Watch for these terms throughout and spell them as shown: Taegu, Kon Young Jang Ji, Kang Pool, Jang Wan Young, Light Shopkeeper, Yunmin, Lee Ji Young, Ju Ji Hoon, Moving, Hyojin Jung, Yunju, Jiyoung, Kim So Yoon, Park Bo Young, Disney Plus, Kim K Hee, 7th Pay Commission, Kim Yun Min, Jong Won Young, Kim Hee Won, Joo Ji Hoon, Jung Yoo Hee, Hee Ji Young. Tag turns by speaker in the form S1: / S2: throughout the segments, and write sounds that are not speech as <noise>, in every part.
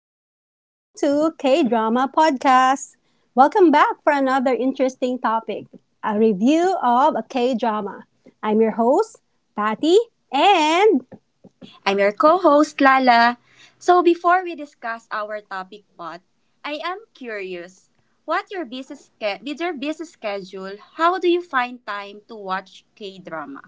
S1: everyone. Welcome to K Drama Podcast. Welcome back for another interesting topic, a review of a K drama. I'm your host, Patty, and
S2: I'm your co host, Lala. So, before we discuss our topic, pot, I am curious what your busy ske- with your busy schedule, how do you find time to watch K drama?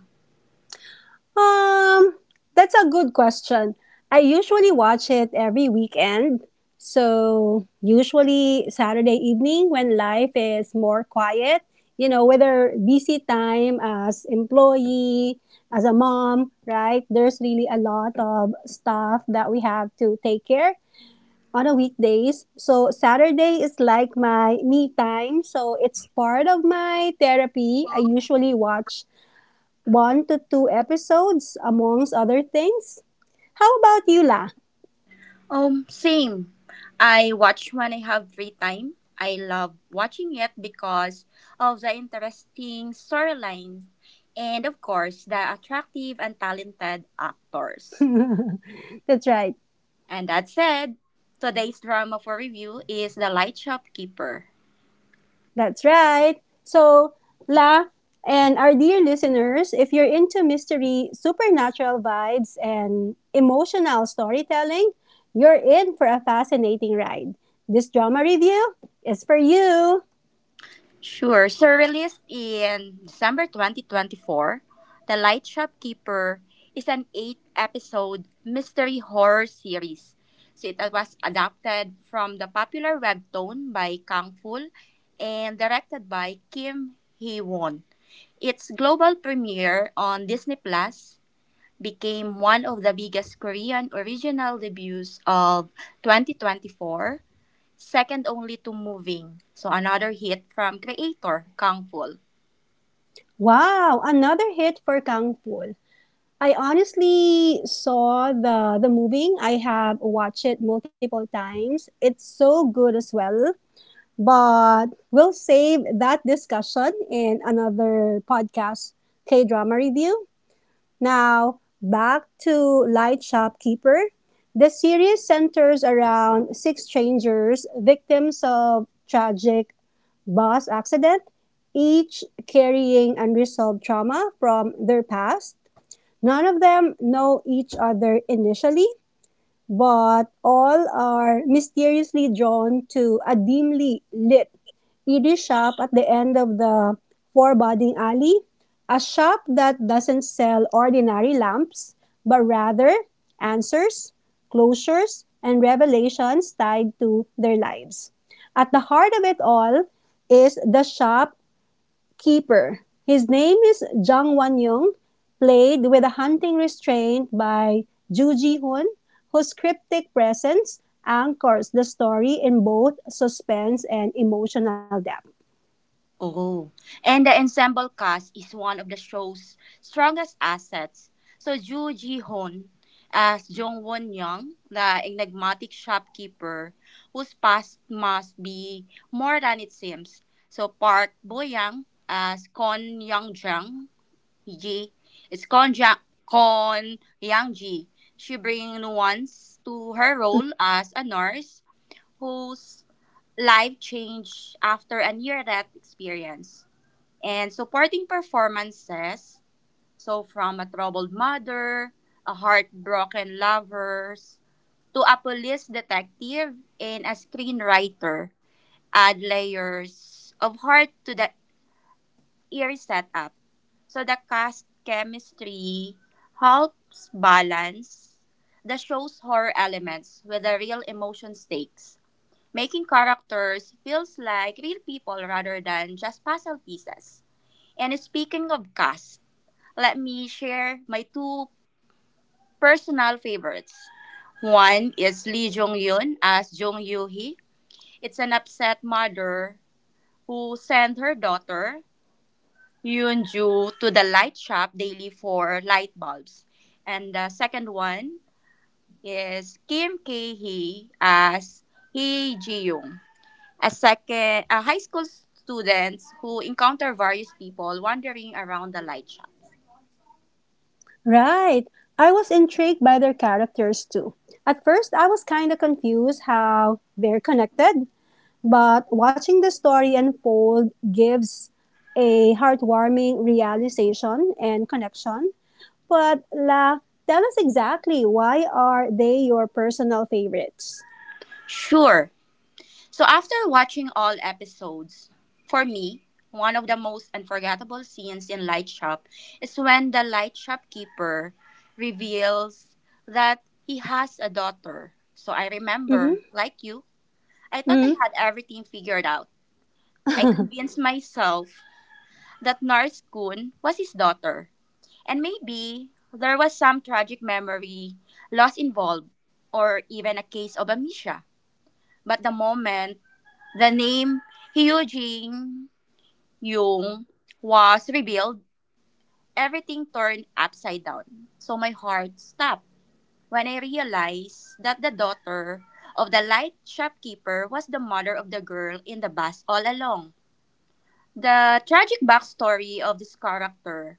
S1: Um, that's a good question. I usually watch it every weekend. So, usually Saturday evening when life is more quiet, you know, whether busy time as employee, as a mom, right? There's really a lot of stuff that we have to take care on a weekdays. So Saturday is like my me time. So it's part of my therapy. I usually watch one to two episodes, amongst other things. How about you, La?
S2: Same. I watch when I have free time. I love watching it because of the interesting storylines and, of course, the attractive and talented actors.
S1: That's right.
S2: And that said, today's drama for review is The Light Shopkeeper.
S1: That's right. So, La, and our dear listeners, if you're into mystery, supernatural vibes, and emotional storytelling, you're in for a fascinating ride. This drama review is for you.
S2: Sure. So released in December 2024, The Light Shopkeeper is an eight-episode mystery horror series. So it was adapted from the popular webtoon by Kang Ful and directed by Kim Hee Won. Its global premiere on Disney Plus became one of the biggest Korean original debuts of 2024, second only to Moving. So another hit from creator Kang Ful.
S1: Wow, another hit for Kang Pool. I honestly saw the movie. I have watched it multiple times. It's so good as well. But we'll save that discussion in another podcast K drama review. Now, back to Light Shopkeeper. The series centers around six strangers, victims of tragic bus accident, each carrying unresolved trauma from their past. None of them know each other initially, but all are mysteriously drawn to a dimly lit Irish shop at the end of the foreboding alley, a shop that doesn't sell ordinary lamps, but rather answers, closures, and revelations tied to their lives. At the heart of it all is the shop keeper. His name is Jang Wan Young, played with a hunting restraint by Ju Ji Hoon, whose cryptic presence anchors the story in both suspense and emotional depth.
S2: Oh, and the ensemble cast is one of the show's strongest assets. So Joo Ji Hoon as Jong Won Young, the enigmatic shopkeeper whose past must be more than it seems. So Park Bo Young as Kon Young Jang Ji, it's Kon Yang Ji. She brings nuance to her role as a nurse whose life changed after a near death experience. And supporting performances, so from a troubled mother, a heartbroken lovers, to a police detective and a screenwriter, add layers of heart to the eerie setup. So the cast chemistry helps balance the show's horror elements with the real emotion stakes, making characters feels like real people rather than just puzzle pieces. And speaking of cast, let me share my two personal favorites. One is Lee Jong Yun as Jung Yoo Hee. It's an upset mother who sent her daughter Yoon Ju to the light shop daily for light bulbs. And the second one is Kim K Hee as Hee Ji Young. A high school students who encounter various people wandering around the light shop.
S1: Right. I was intrigued by their characters too. At first, I was kind of confused how they're connected, but watching the story unfold gives a heartwarming realization and connection. But La, tell us exactly why are they your personal favorites?
S2: Sure. So after watching all episodes, for me, one of the most unforgettable scenes in Light Shop is when the light shopkeeper reveals that he has a daughter. So I
S1: Mm-hmm.
S2: remember, like you, I thought I
S1: Mm-hmm.
S2: had everything figured out. I convinced myself that Nars Kun was his daughter. And maybe there was some tragic memory loss involved, or even a case of amnesia. But the moment the name Hyojin Jung was revealed, everything turned upside down. So my heart stopped when I realized that the daughter of the light shopkeeper was the mother of the girl in the bus all along. The tragic backstory of this character,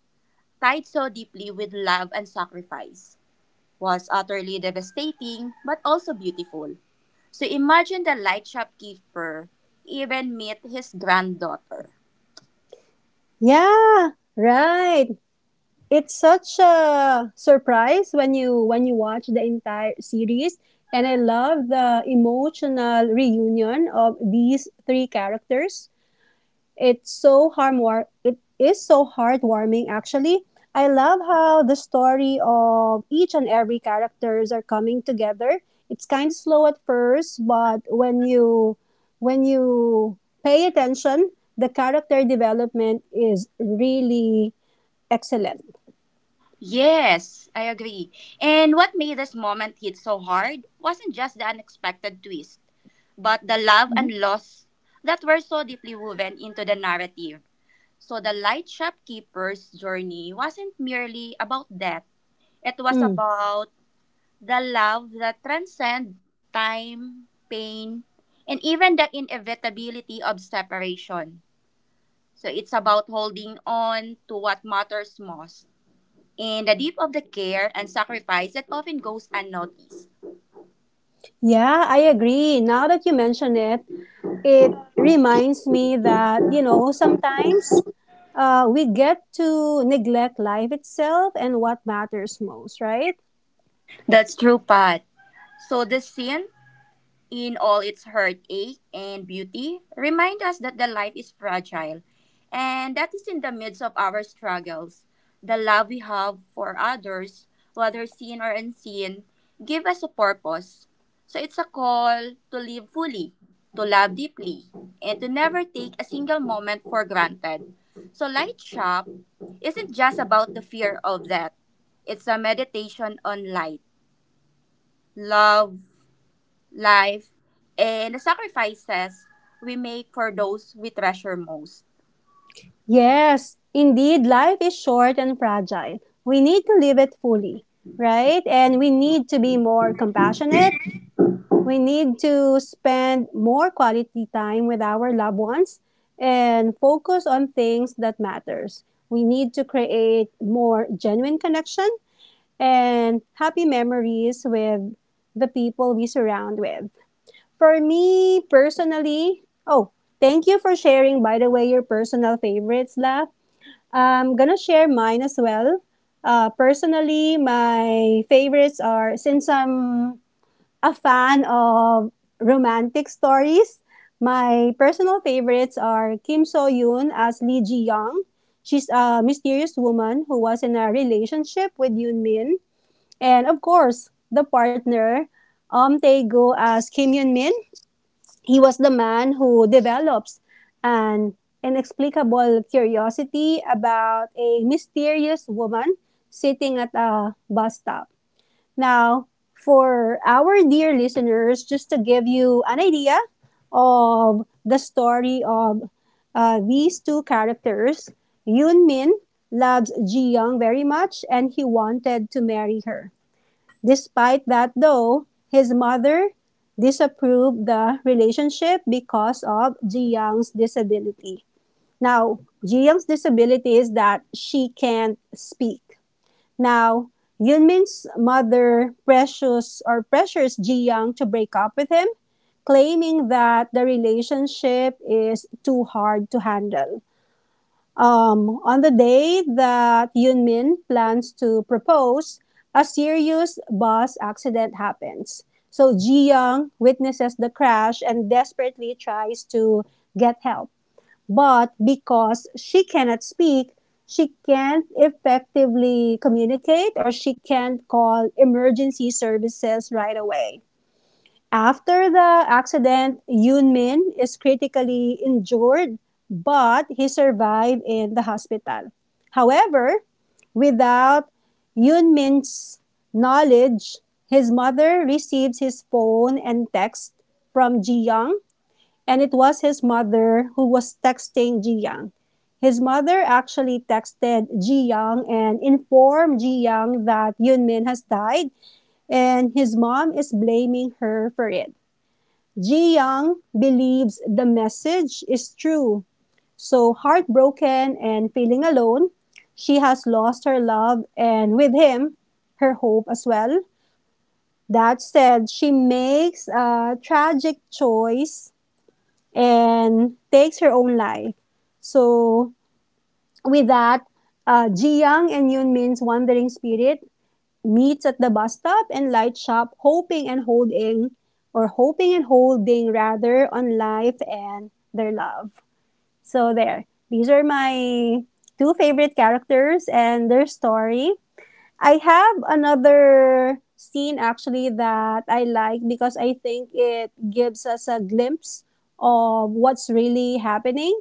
S2: tied so deeply with love and sacrifice, was utterly devastating but also beautiful. So imagine the light shopkeeper even meet his granddaughter.
S1: Yeah, right. It's such a surprise when you watch the entire series, and I love the emotional reunion of these three characters. It's so it is so heartwarming actually. I love how the story of each and every characters are coming together. It's kind of slow at first, but when you pay attention, the character development is really excellent.
S2: Yes, I agree. And what made this moment hit so hard wasn't just the unexpected twist, but the love
S1: Mhm.
S2: and loss that were so deeply woven into the narrative. So the light shopkeeper's journey wasn't merely about death. It was
S1: Mm.
S2: about the love that transcends time, pain, and even the inevitability of separation. So it's about holding on to what matters most and the deep of the care and sacrifice that often goes unnoticed.
S1: Yeah, I agree. Now that you mention it, it reminds me that you know sometimes we get to neglect life itself and what matters most, right?
S2: That's true, Pat. So the scene, in all its heartache and beauty, remind us that the life is fragile and that is in the midst of our struggles. The love we have for others, whether seen or unseen, give us a purpose. So it's a call to live fully, to love deeply, and to never take a single moment for granted. So Light Shop isn't just about the fear of death. It's a meditation on light, love, life, and the sacrifices we make for those we treasure most.
S1: Yes, indeed, life is short and fragile. We need to live it fully, right? And we need to be more compassionate. We need to spend more quality time with our loved ones and focus on things that matters. We need to create more genuine connection and happy memories with the people we surround with. For me personally, oh, thank you for sharing, by the way, your personal favorites, Lap. I'm gonna share mine as well. Personally, my favorites are, since I'm a fan of romantic stories, my personal favorites are Kim So Yoon as Lee Ji Young. She's a mysterious woman who was in a relationship with Yoon Min, and of course, the partner, Taegu as Kim Yun Min, he was the man who develops an inexplicable curiosity about a mysterious woman sitting at a bus stop. Now, for our dear listeners, just to give you an idea of the story of these two characters, Yoon Min loves Ji Young very much and he wanted to marry her. Despite that, though, his mother disapproved the relationship because of Ji Young's disability. Now, Ji Young's disability is that she can't speak. Now, Yunmin's mother pressures or pressures Ji Young to break up with him, claiming that the relationship is too hard to handle. On the day that Yunmin plans to propose, a serious bus accident happens. So Ji Young witnesses the crash and desperately tries to get help. But because she cannot speak, she can't effectively communicate, or she can't call emergency services right away. After the accident, Yoon Min is critically injured, but he survived in the hospital. However, without Yoon Min's knowledge, his mother receives his phone and text from Ji Young, and it was his mother who was texting Ji Young. His mother actually texted Ji Young and informed Ji Young that Yoon Min has died, and his mom is blaming her for it. Ji Young believes the message is true. So heartbroken and feeling alone, she has lost her love and with him, her hope as well. That said, she makes a tragic choice and takes her own life. So with that, Ji Young and Yoon Min's wandering spirit meets at the bus stop and light shop, hoping and holding, or hoping and holding rather, on life and their love. So there. These are my two favorite characters and their story. I have another scene actually that I like because I think it gives us a glimpse of what's really happening.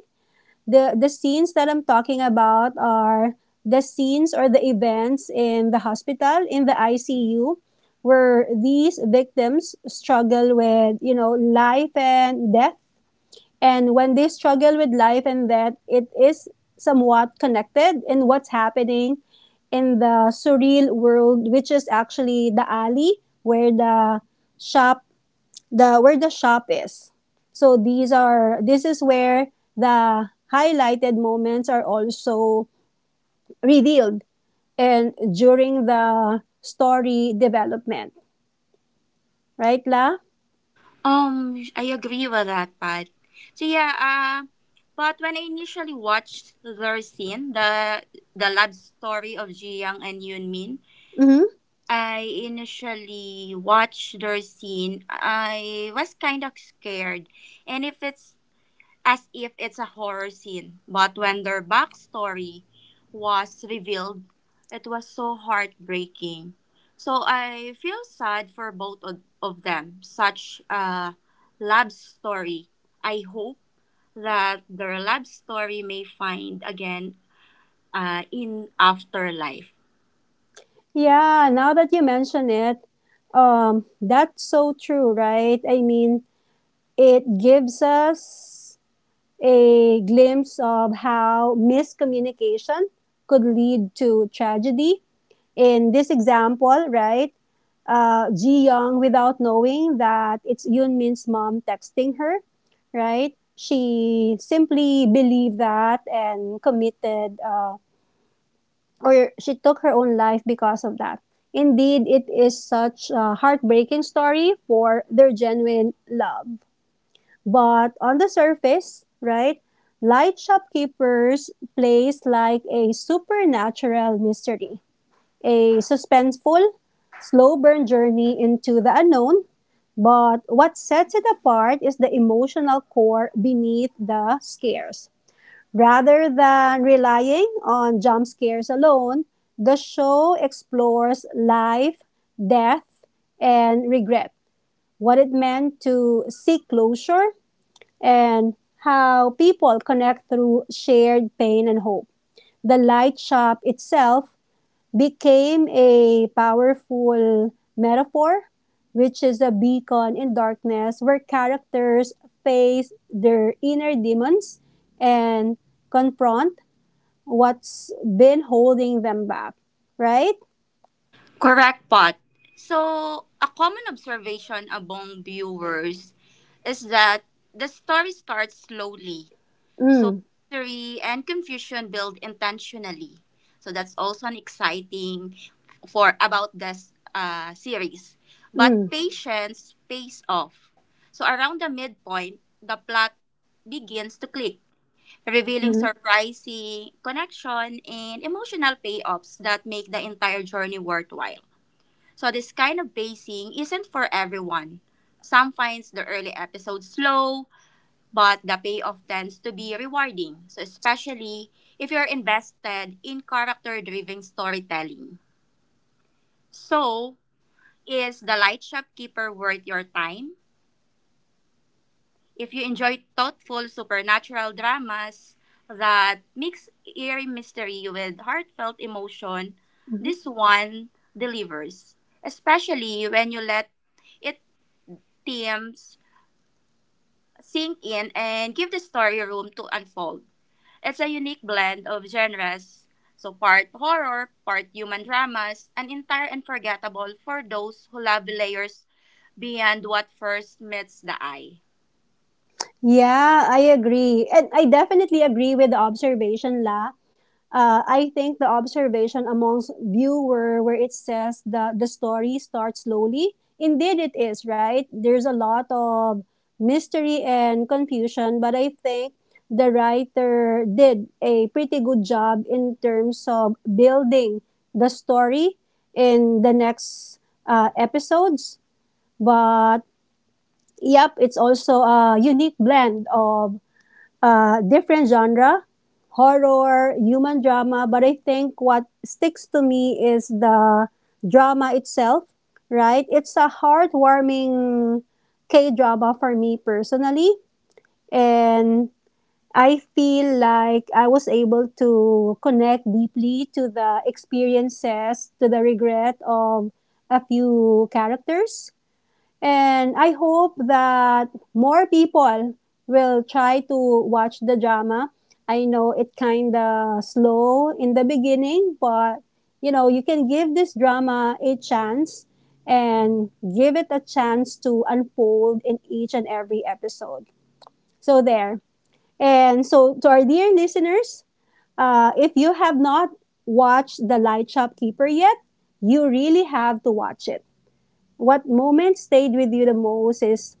S1: The scenes that I'm talking about are the scenes or the events in the hospital, in the ICU, where these victims struggle with, you know, life and death, and when they struggle with life and death, it is somewhat connected in what's happening in the surreal world, which is actually the alley where shop the where the shop is. So these are this is where the highlighted moments are also revealed and during the story development, right, La?
S2: I agree with that part. So yeah, but when I initially watched their scene, the love story of Jiyoung and Yunmin,
S1: Mm-hmm.
S2: I initially watched their scene. I was kind of scared, and if it's as if it's a horror scene. But when their backstory was revealed, it was so heartbreaking. So I feel sad for both of them. Such a love story. I hope that their love story may find again in afterlife.
S1: Yeah, now that you mention it, that's so true, right? I mean, it gives us a glimpse of how miscommunication could lead to tragedy. In this example, right, Ji Young, without knowing that it's Yoon mom texting her, right? She simply believed that and committed, or she took her own life because of that. Indeed, it is such a heartbreaking story for their genuine love. But on the surface, right, light shopkeepers plays like a supernatural mystery, a suspenseful, slow burn journey into the unknown, but what sets it apart is the emotional core beneath the scares. Rather than relying on jump scares alone, the show explores life, death, and regret, what it meant to seek closure, and how people connect through shared pain and hope. The light shop itself became a powerful metaphor, which is a beacon in darkness where characters face their inner demons and confront what's been holding them back, right?
S2: Correct, Pot. So, a common observation among viewers is that the story starts slowly. So
S1: Mm,
S2: mystery and confusion build intentionally. So that's also an exciting for about this series. But
S1: mm,
S2: patience pays off. So around the midpoint, the plot begins to click, revealing
S1: mm,
S2: surprising connection and emotional payoffs that make the entire journey worthwhile. So this kind of pacing isn't for everyone. Some finds the early episodes slow, but the payoff tends to be rewarding, so especially if you're invested in character-driven storytelling. So, is The Light Shopkeeper worth your time? If you enjoy thoughtful supernatural dramas that mix eerie mystery with heartfelt emotion,
S1: mm.
S2: this one delivers, especially when you let its themes sink in and give the story room to unfold. It's a unique blend of genres. So part horror, part human dramas, an entire unforgettable for those who love layers beyond what first meets the eye.
S1: Yeah, I agree. And I definitely agree with the observation, La. I think the observation amongst viewer where it says that the story starts slowly, indeed it is, right? There's a lot of mystery and confusion, but I think the writer did a pretty good job in terms of building the story in the next episodes. But yep, it's also a unique blend of different genre, horror, human drama, but I think what sticks to me is the drama itself, right? It's a heartwarming K drama for me personally, and I feel like I was able to connect deeply to the experiences, to the regret of a few characters, and I hope that more people will try to watch the drama. I know it kind of slow in the beginning, but you know, you can give this drama a chance and give it a chance to unfold in each and every episode. So there. And so to our dear listeners, if you have not watched The Light Shopkeeper yet, you really have to watch it. What moment stayed with you the most is,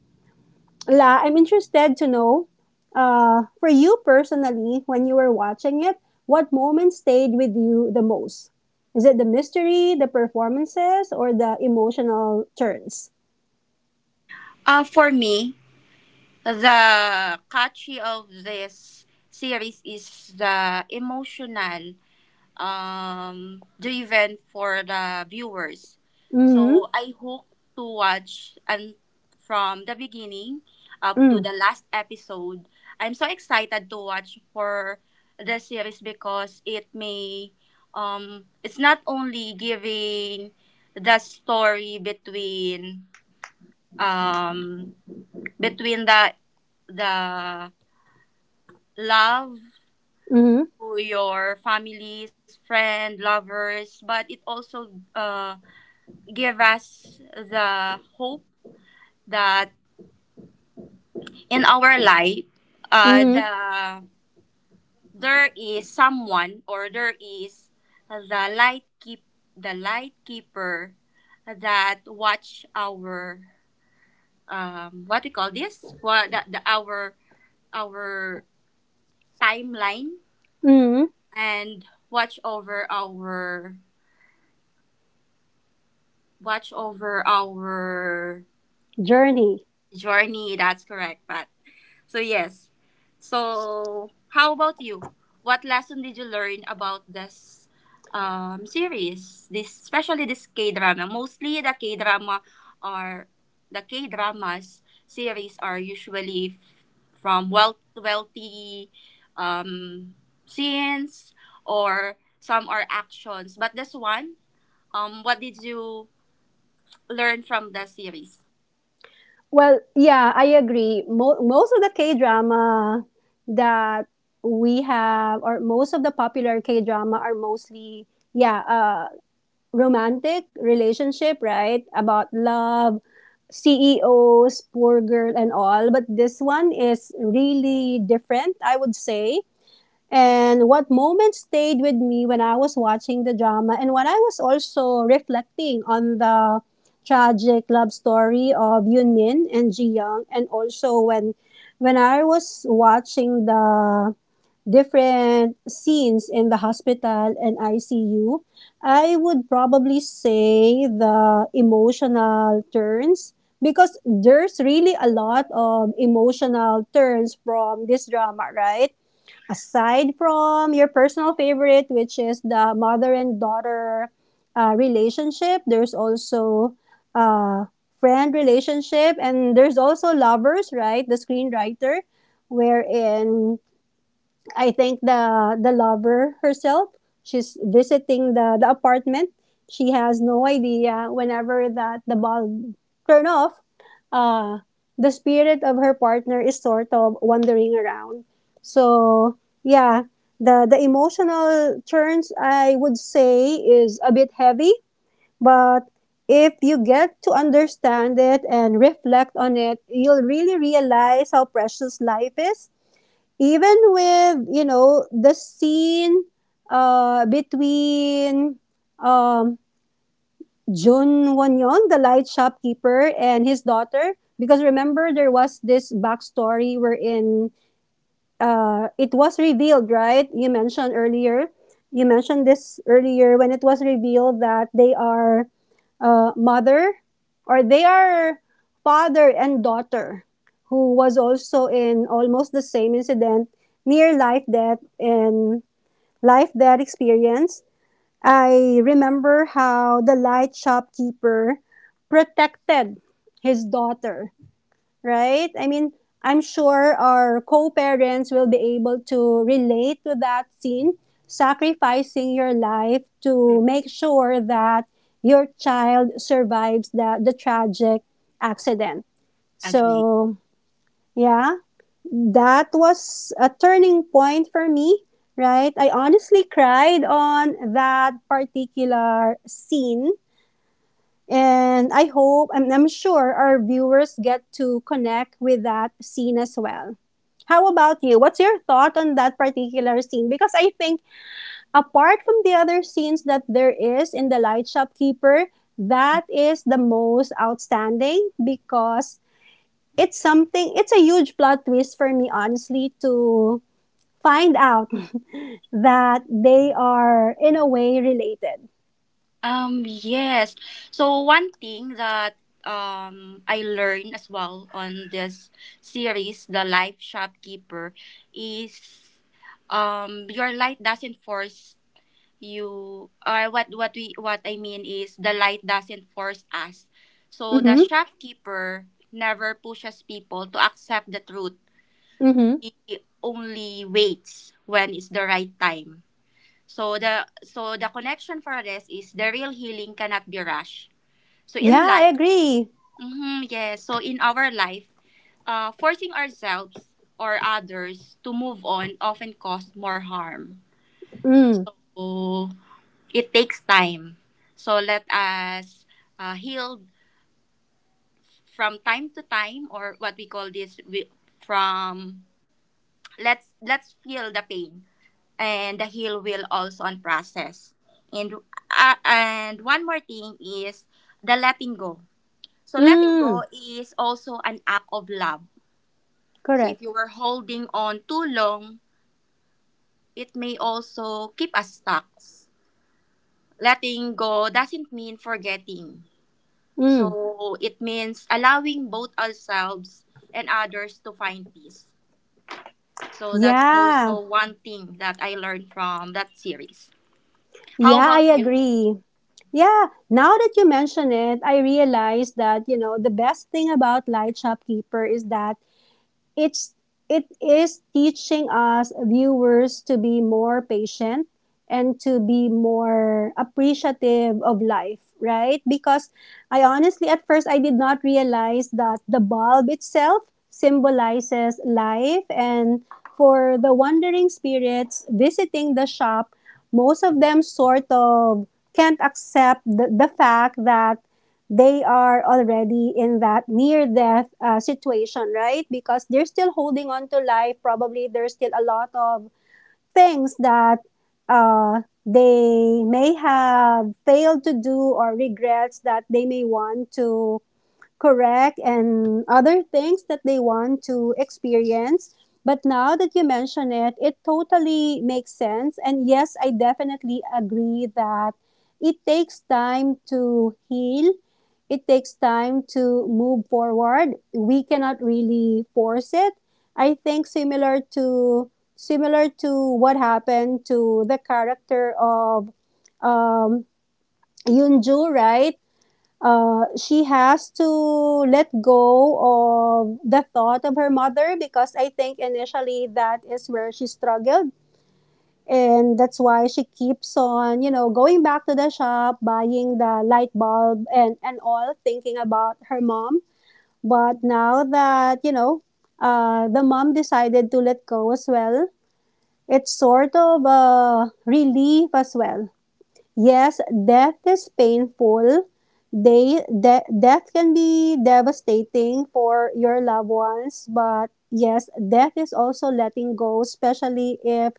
S1: La, I'm interested to know, for you personally, when you were watching it, what moment stayed with you the most? Is it the mystery, the performances, or the emotional turns?
S2: For me, the catchy of this series is the emotional driven for the viewers.
S1: Mm-hmm.
S2: So I hope to watch and from the beginning up to
S1: Mm,
S2: the last episode. I'm so excited to watch for the series because it may it's not only giving the story between um between the love
S1: mm-hmm.
S2: to your families, friend, lovers, but it also uh, give us the hope that in our life, uh,
S1: Mm-hmm.
S2: the there is someone or there is the light keep the light keeper that watch our what we call this what the our timeline
S1: Mm-hmm.
S2: and watch over our watch over our
S1: Journey.
S2: journey. That's correct. But so yes, so how about you, what lesson did you learn about this series, this especially this K drama? Mostly the K drama are the K dramas series are usually from wealthy um scenes, or some are actions, but this one, what did you learn from the series?
S1: Well, yeah, I agree. Most of the K drama that we have, or most of the popular K drama, are mostly yeah, romantic relationship, right? About love, CEOs, poor girl, and all. But this one is really different, I would say. And what moment stayed with me when I was watching the drama, and when I was also reflecting on the tragic love story of Yoon Min and Ji Young, and also when I was watching the different scenes in the hospital and ICU, I would probably say the emotional turns, because there's really a lot of emotional turns from this drama, right? Aside from your personal favorite, which is the mother and daughter relationship, there's also uh, friend relationship, and there's also lovers, right? The screenwriter, wherein I think the lover herself, she's visiting the apartment. She has no idea whenever that the bulb turn off, uh, the spirit of her partner is sort of wandering around. So yeah, the emotional turns I would say is a bit heavy, but if you get to understand it and reflect on it, you'll really realize how precious life is, even with, you know, the scene between um, Jun Won Young, the light shopkeeper, and his daughter. Because remember, there was this backstory wherein it was revealed, right? You mentioned earlier. You mentioned this earlier when it was revealed that they are uh, mother, or they are father and daughter, who was also in almost the same incident, near life death and life death experience. I remember how the light shopkeeper protected his daughter, right? I mean, I'm sure our co-parents will be able to relate to that scene, sacrificing your life
S2: Mm,
S1: to make sure that your child survives the tragic accident.
S2: agree.
S1: So, yeah, that was a turning point for me, right? I honestly cried on that particular scene, and I hope and I'm sure our viewers get to connect with that scene as well. How about you? What's your thought on that particular scene? Because I think apart from the other scenes that there is in The Light Shopkeeper, that is the most outstanding because it's a huge plot twist for me honestly to find out that they are in a way related.
S2: Yes. So one thing that I learned as well on this series, The Life Shopkeeper, is your light doesn't force you, or what I mean is the light doesn't force us. So the
S1: Mhm.
S2: shopkeeper never pushes people to accept the truth.
S1: Mhm.
S2: He only waits when it's the right time. So the connection for this is the real healing cannot be rushed. So
S1: Yeah,
S2: in
S1: I
S2: life,
S1: agree.
S2: mhm, yes. So in our life, forcing ourselves or others to move on often cause more harm.
S1: Mm.
S2: So it takes time. So let us heal from time to time, or what we call this, we, from let's feel the pain and the heel will also on process. And one more thing is the letting go. So letting go
S1: Mm.
S2: is also an act of love. So if
S1: Correct.
S2: you were holding on too long, it may also keep us stuck. Letting go doesn't mean forgetting.
S1: Mm.
S2: So it means allowing both ourselves and others to find peace. So that's
S1: Yeah.
S2: also one thing that I learned from that series. How
S1: Yeah, I
S2: about you?
S1: agree. Yeah, now that you mention it, I realize that, you know, the best thing about Light Shopkeeper is that it's it is teaching us viewers to be more patient and to be more appreciative of life, right? Because I honestly at first I did not realize that the bulb itself symbolizes life, and for the wandering spirits visiting the shop, most of them sort of can't accept the fact that they are already in that near death situation, right? Because they're still holding on to life. Probably there's still a lot of things that they may have failed to do, or regrets that they may want to correct, and other things that they want to experience. But now that you mention it, it totally makes sense, and yes, I definitely agree that it takes time to heal. It takes time to move forward. We cannot really force it. I think similar to what happened to the character of um, Yunju, right? She has to let go of the thought of her mother, because I think initially that is where she struggled. And that's why she keeps on, you know, going back to the shop, buying the light bulb, and all, thinking about her mom. But now that, you know, the mom decided to let go as well, it's sort of a relief as well. Yes, death is painful. They death can be devastating for your loved ones, but yes, death is also letting go, especially if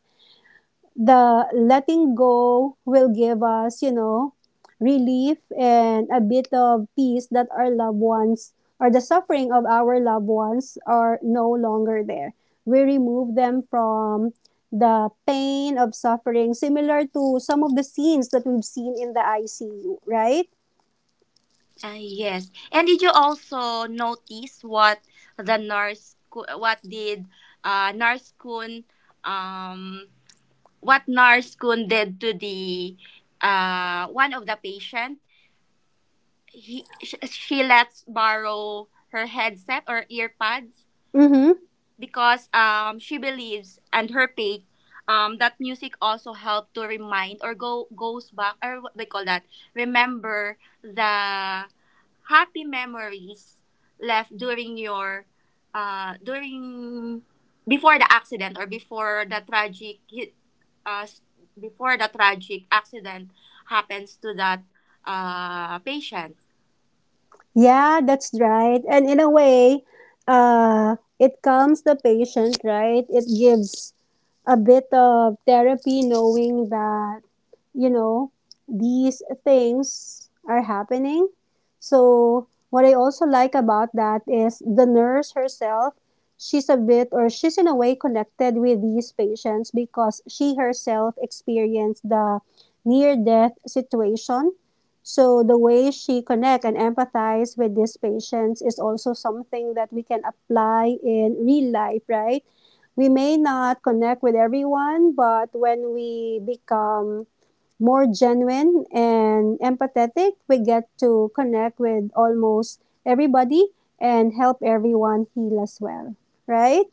S1: the letting go will give us, you know, relief and a bit of peace, that our loved ones or the suffering of our loved ones are no longer there. We remove them from the pain of suffering, similar to some of the scenes that we've seen in the ICU, right?
S2: Yes. And did you also notice what the nurse, co- what did nurse Kun, um, what nurse Kun did to the one of the patient? She lets borrow her headset or earpads
S1: Mm-hmm.
S2: because she believes and her faith that music also help to remind or go goes back, or what they call that, remember the happy memories left during your during before the accident, or before the tragic hit s- before the tragic accident happens to that patient.
S1: Yeah, that's right. And in a way, it calms the patient, right? It gives a bit of therapy, knowing that, you know, these things are happening. So what I also like about that is the nurse herself, she's a bit, or she's in a way connected with these patients, because she herself experienced the near death situation. So the way she connect and empathize with these patients is also something that we can apply in real life, right? We may not connect with everyone, but when we become more genuine and empathetic, we get to connect with almost everybody and help everyone heal as well. Right?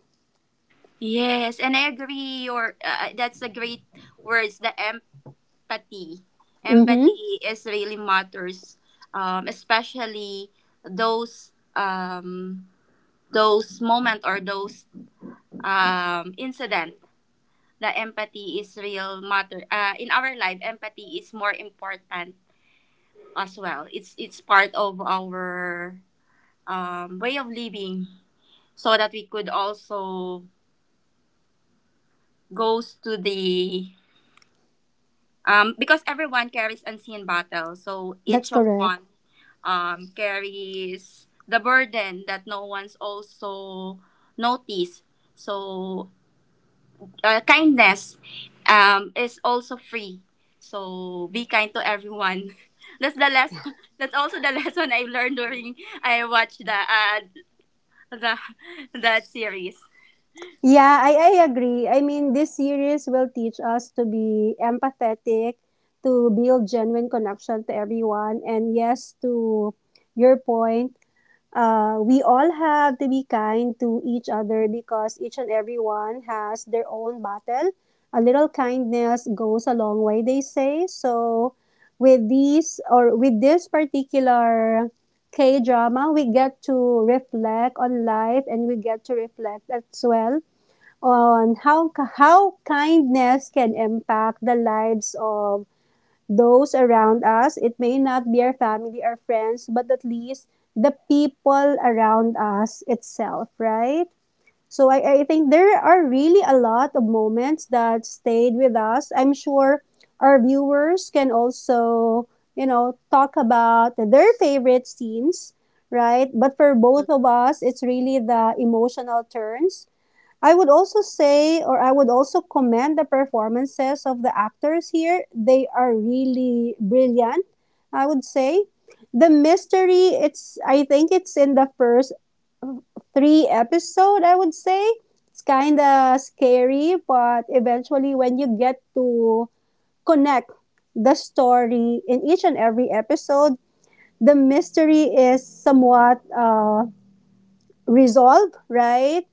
S2: Yes, and I agree your that's a great words, the empathy.
S1: Mm-hmm.
S2: Empathy is really matters, especially those um, those moment or those incident. The empathy is real matter. In our life, empathy is more important as well. It's part of our way of living, so that we could also goes to the. Because everyone carries unseen battles, so
S1: That's
S2: each of
S1: correct.
S2: one carries the burden that no one's also noticed. So kindness is also free. So be kind to everyone. <laughs> That's the lesson. <laughs> That's also the <laughs> lesson I learned during I watched the the <laughs> that series.
S1: Yeah, I agree. I mean, this series will teach us to be empathetic, to build genuine connection to everyone, and yes, to your point, we all have to be kind to each other because each and everyone has their own battle. A little kindness goes a long way, they say. So, with these or with this particular K drama, we get to reflect on life, and we get to reflect as well on how kindness can impact the lives of those around us. It may not be our family or friends, but at least the people around us itself, right? So I think there are really a lot of moments that stayed with us. I'm sure our viewers can also, you know, talk about their favorite scenes, right? But for both of us, it's really the emotional turns, I would also say, or I would also commend the performances of the actors here. They are really brilliant, I would say. The mystery, it's I think it's in the first 3 episode, I would say. It's kind of scary, but eventually when you get to connect the story in each and every episode, the mystery is somewhat resolved, right?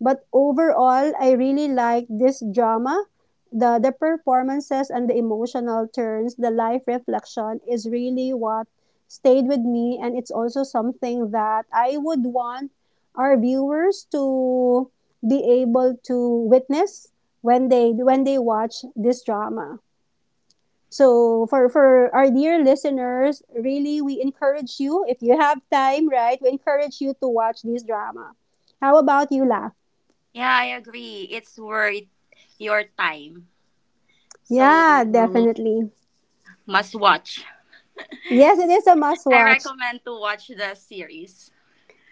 S1: But overall, I really like this drama. The performances and the emotional turns, the life reflection is really what stayed with me. And it's also something that I would want our viewers to be able to witness when they watch this drama. So for our dear listeners, really we encourage you if you have time, right? We encourage you to watch this drama. How about you, La?
S2: Yeah, I agree. It's worth your time. So
S1: Yeah, definitely.
S2: must watch.
S1: Yes, it is a must
S2: I
S1: watch.
S2: recommend to watch the series.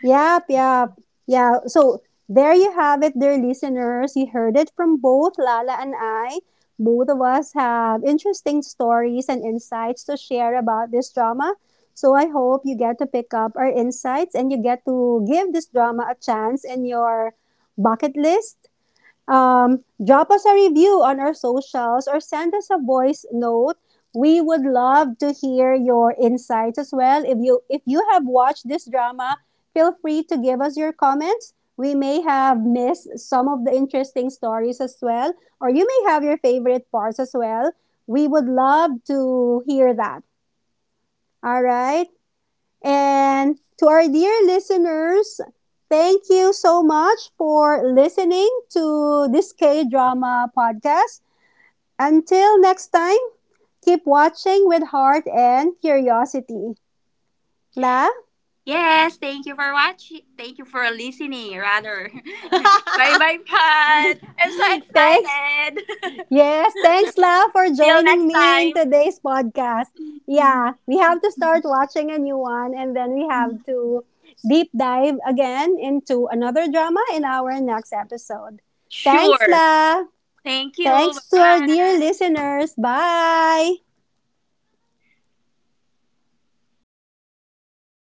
S1: Yep, yep. Yeah. So there you have it, dear listeners. You heard it from both Lala and I. Both of us have interesting stories and insights to share about this drama. So I hope you get to pick up our insights, and you get to give this drama a chance in your bucket list. Drop us a review on our socials or send us a voice note. We would love to hear your insights as well. If you have watched this drama, feel free to give us your comments. We may have missed some of the interesting stories as well, or you may have your favorite parts as well. We would love to hear that. All right. And to our dear listeners, thank you so much for listening to this K drama podcast. Until next time, keep watching with heart and curiosity. La,
S2: Yes, thank you for watching. Thank you for listening, rather. <laughs> Bye bye, Pat. I'm so
S1: thanks.
S2: excited.
S1: Yes, thanks, La, for
S2: <laughs> Till
S1: joining
S2: next
S1: me in
S2: time.
S1: today's podcast. Yeah,
S2: <laughs>
S1: we have to start watching a new one, and then we have to deep dive again into another drama in our next episode. Thanks,
S2: Sure.
S1: La.
S2: Thank you.
S1: Thanks to
S2: Bye
S1: our dear
S2: bye.
S1: listeners. Bye.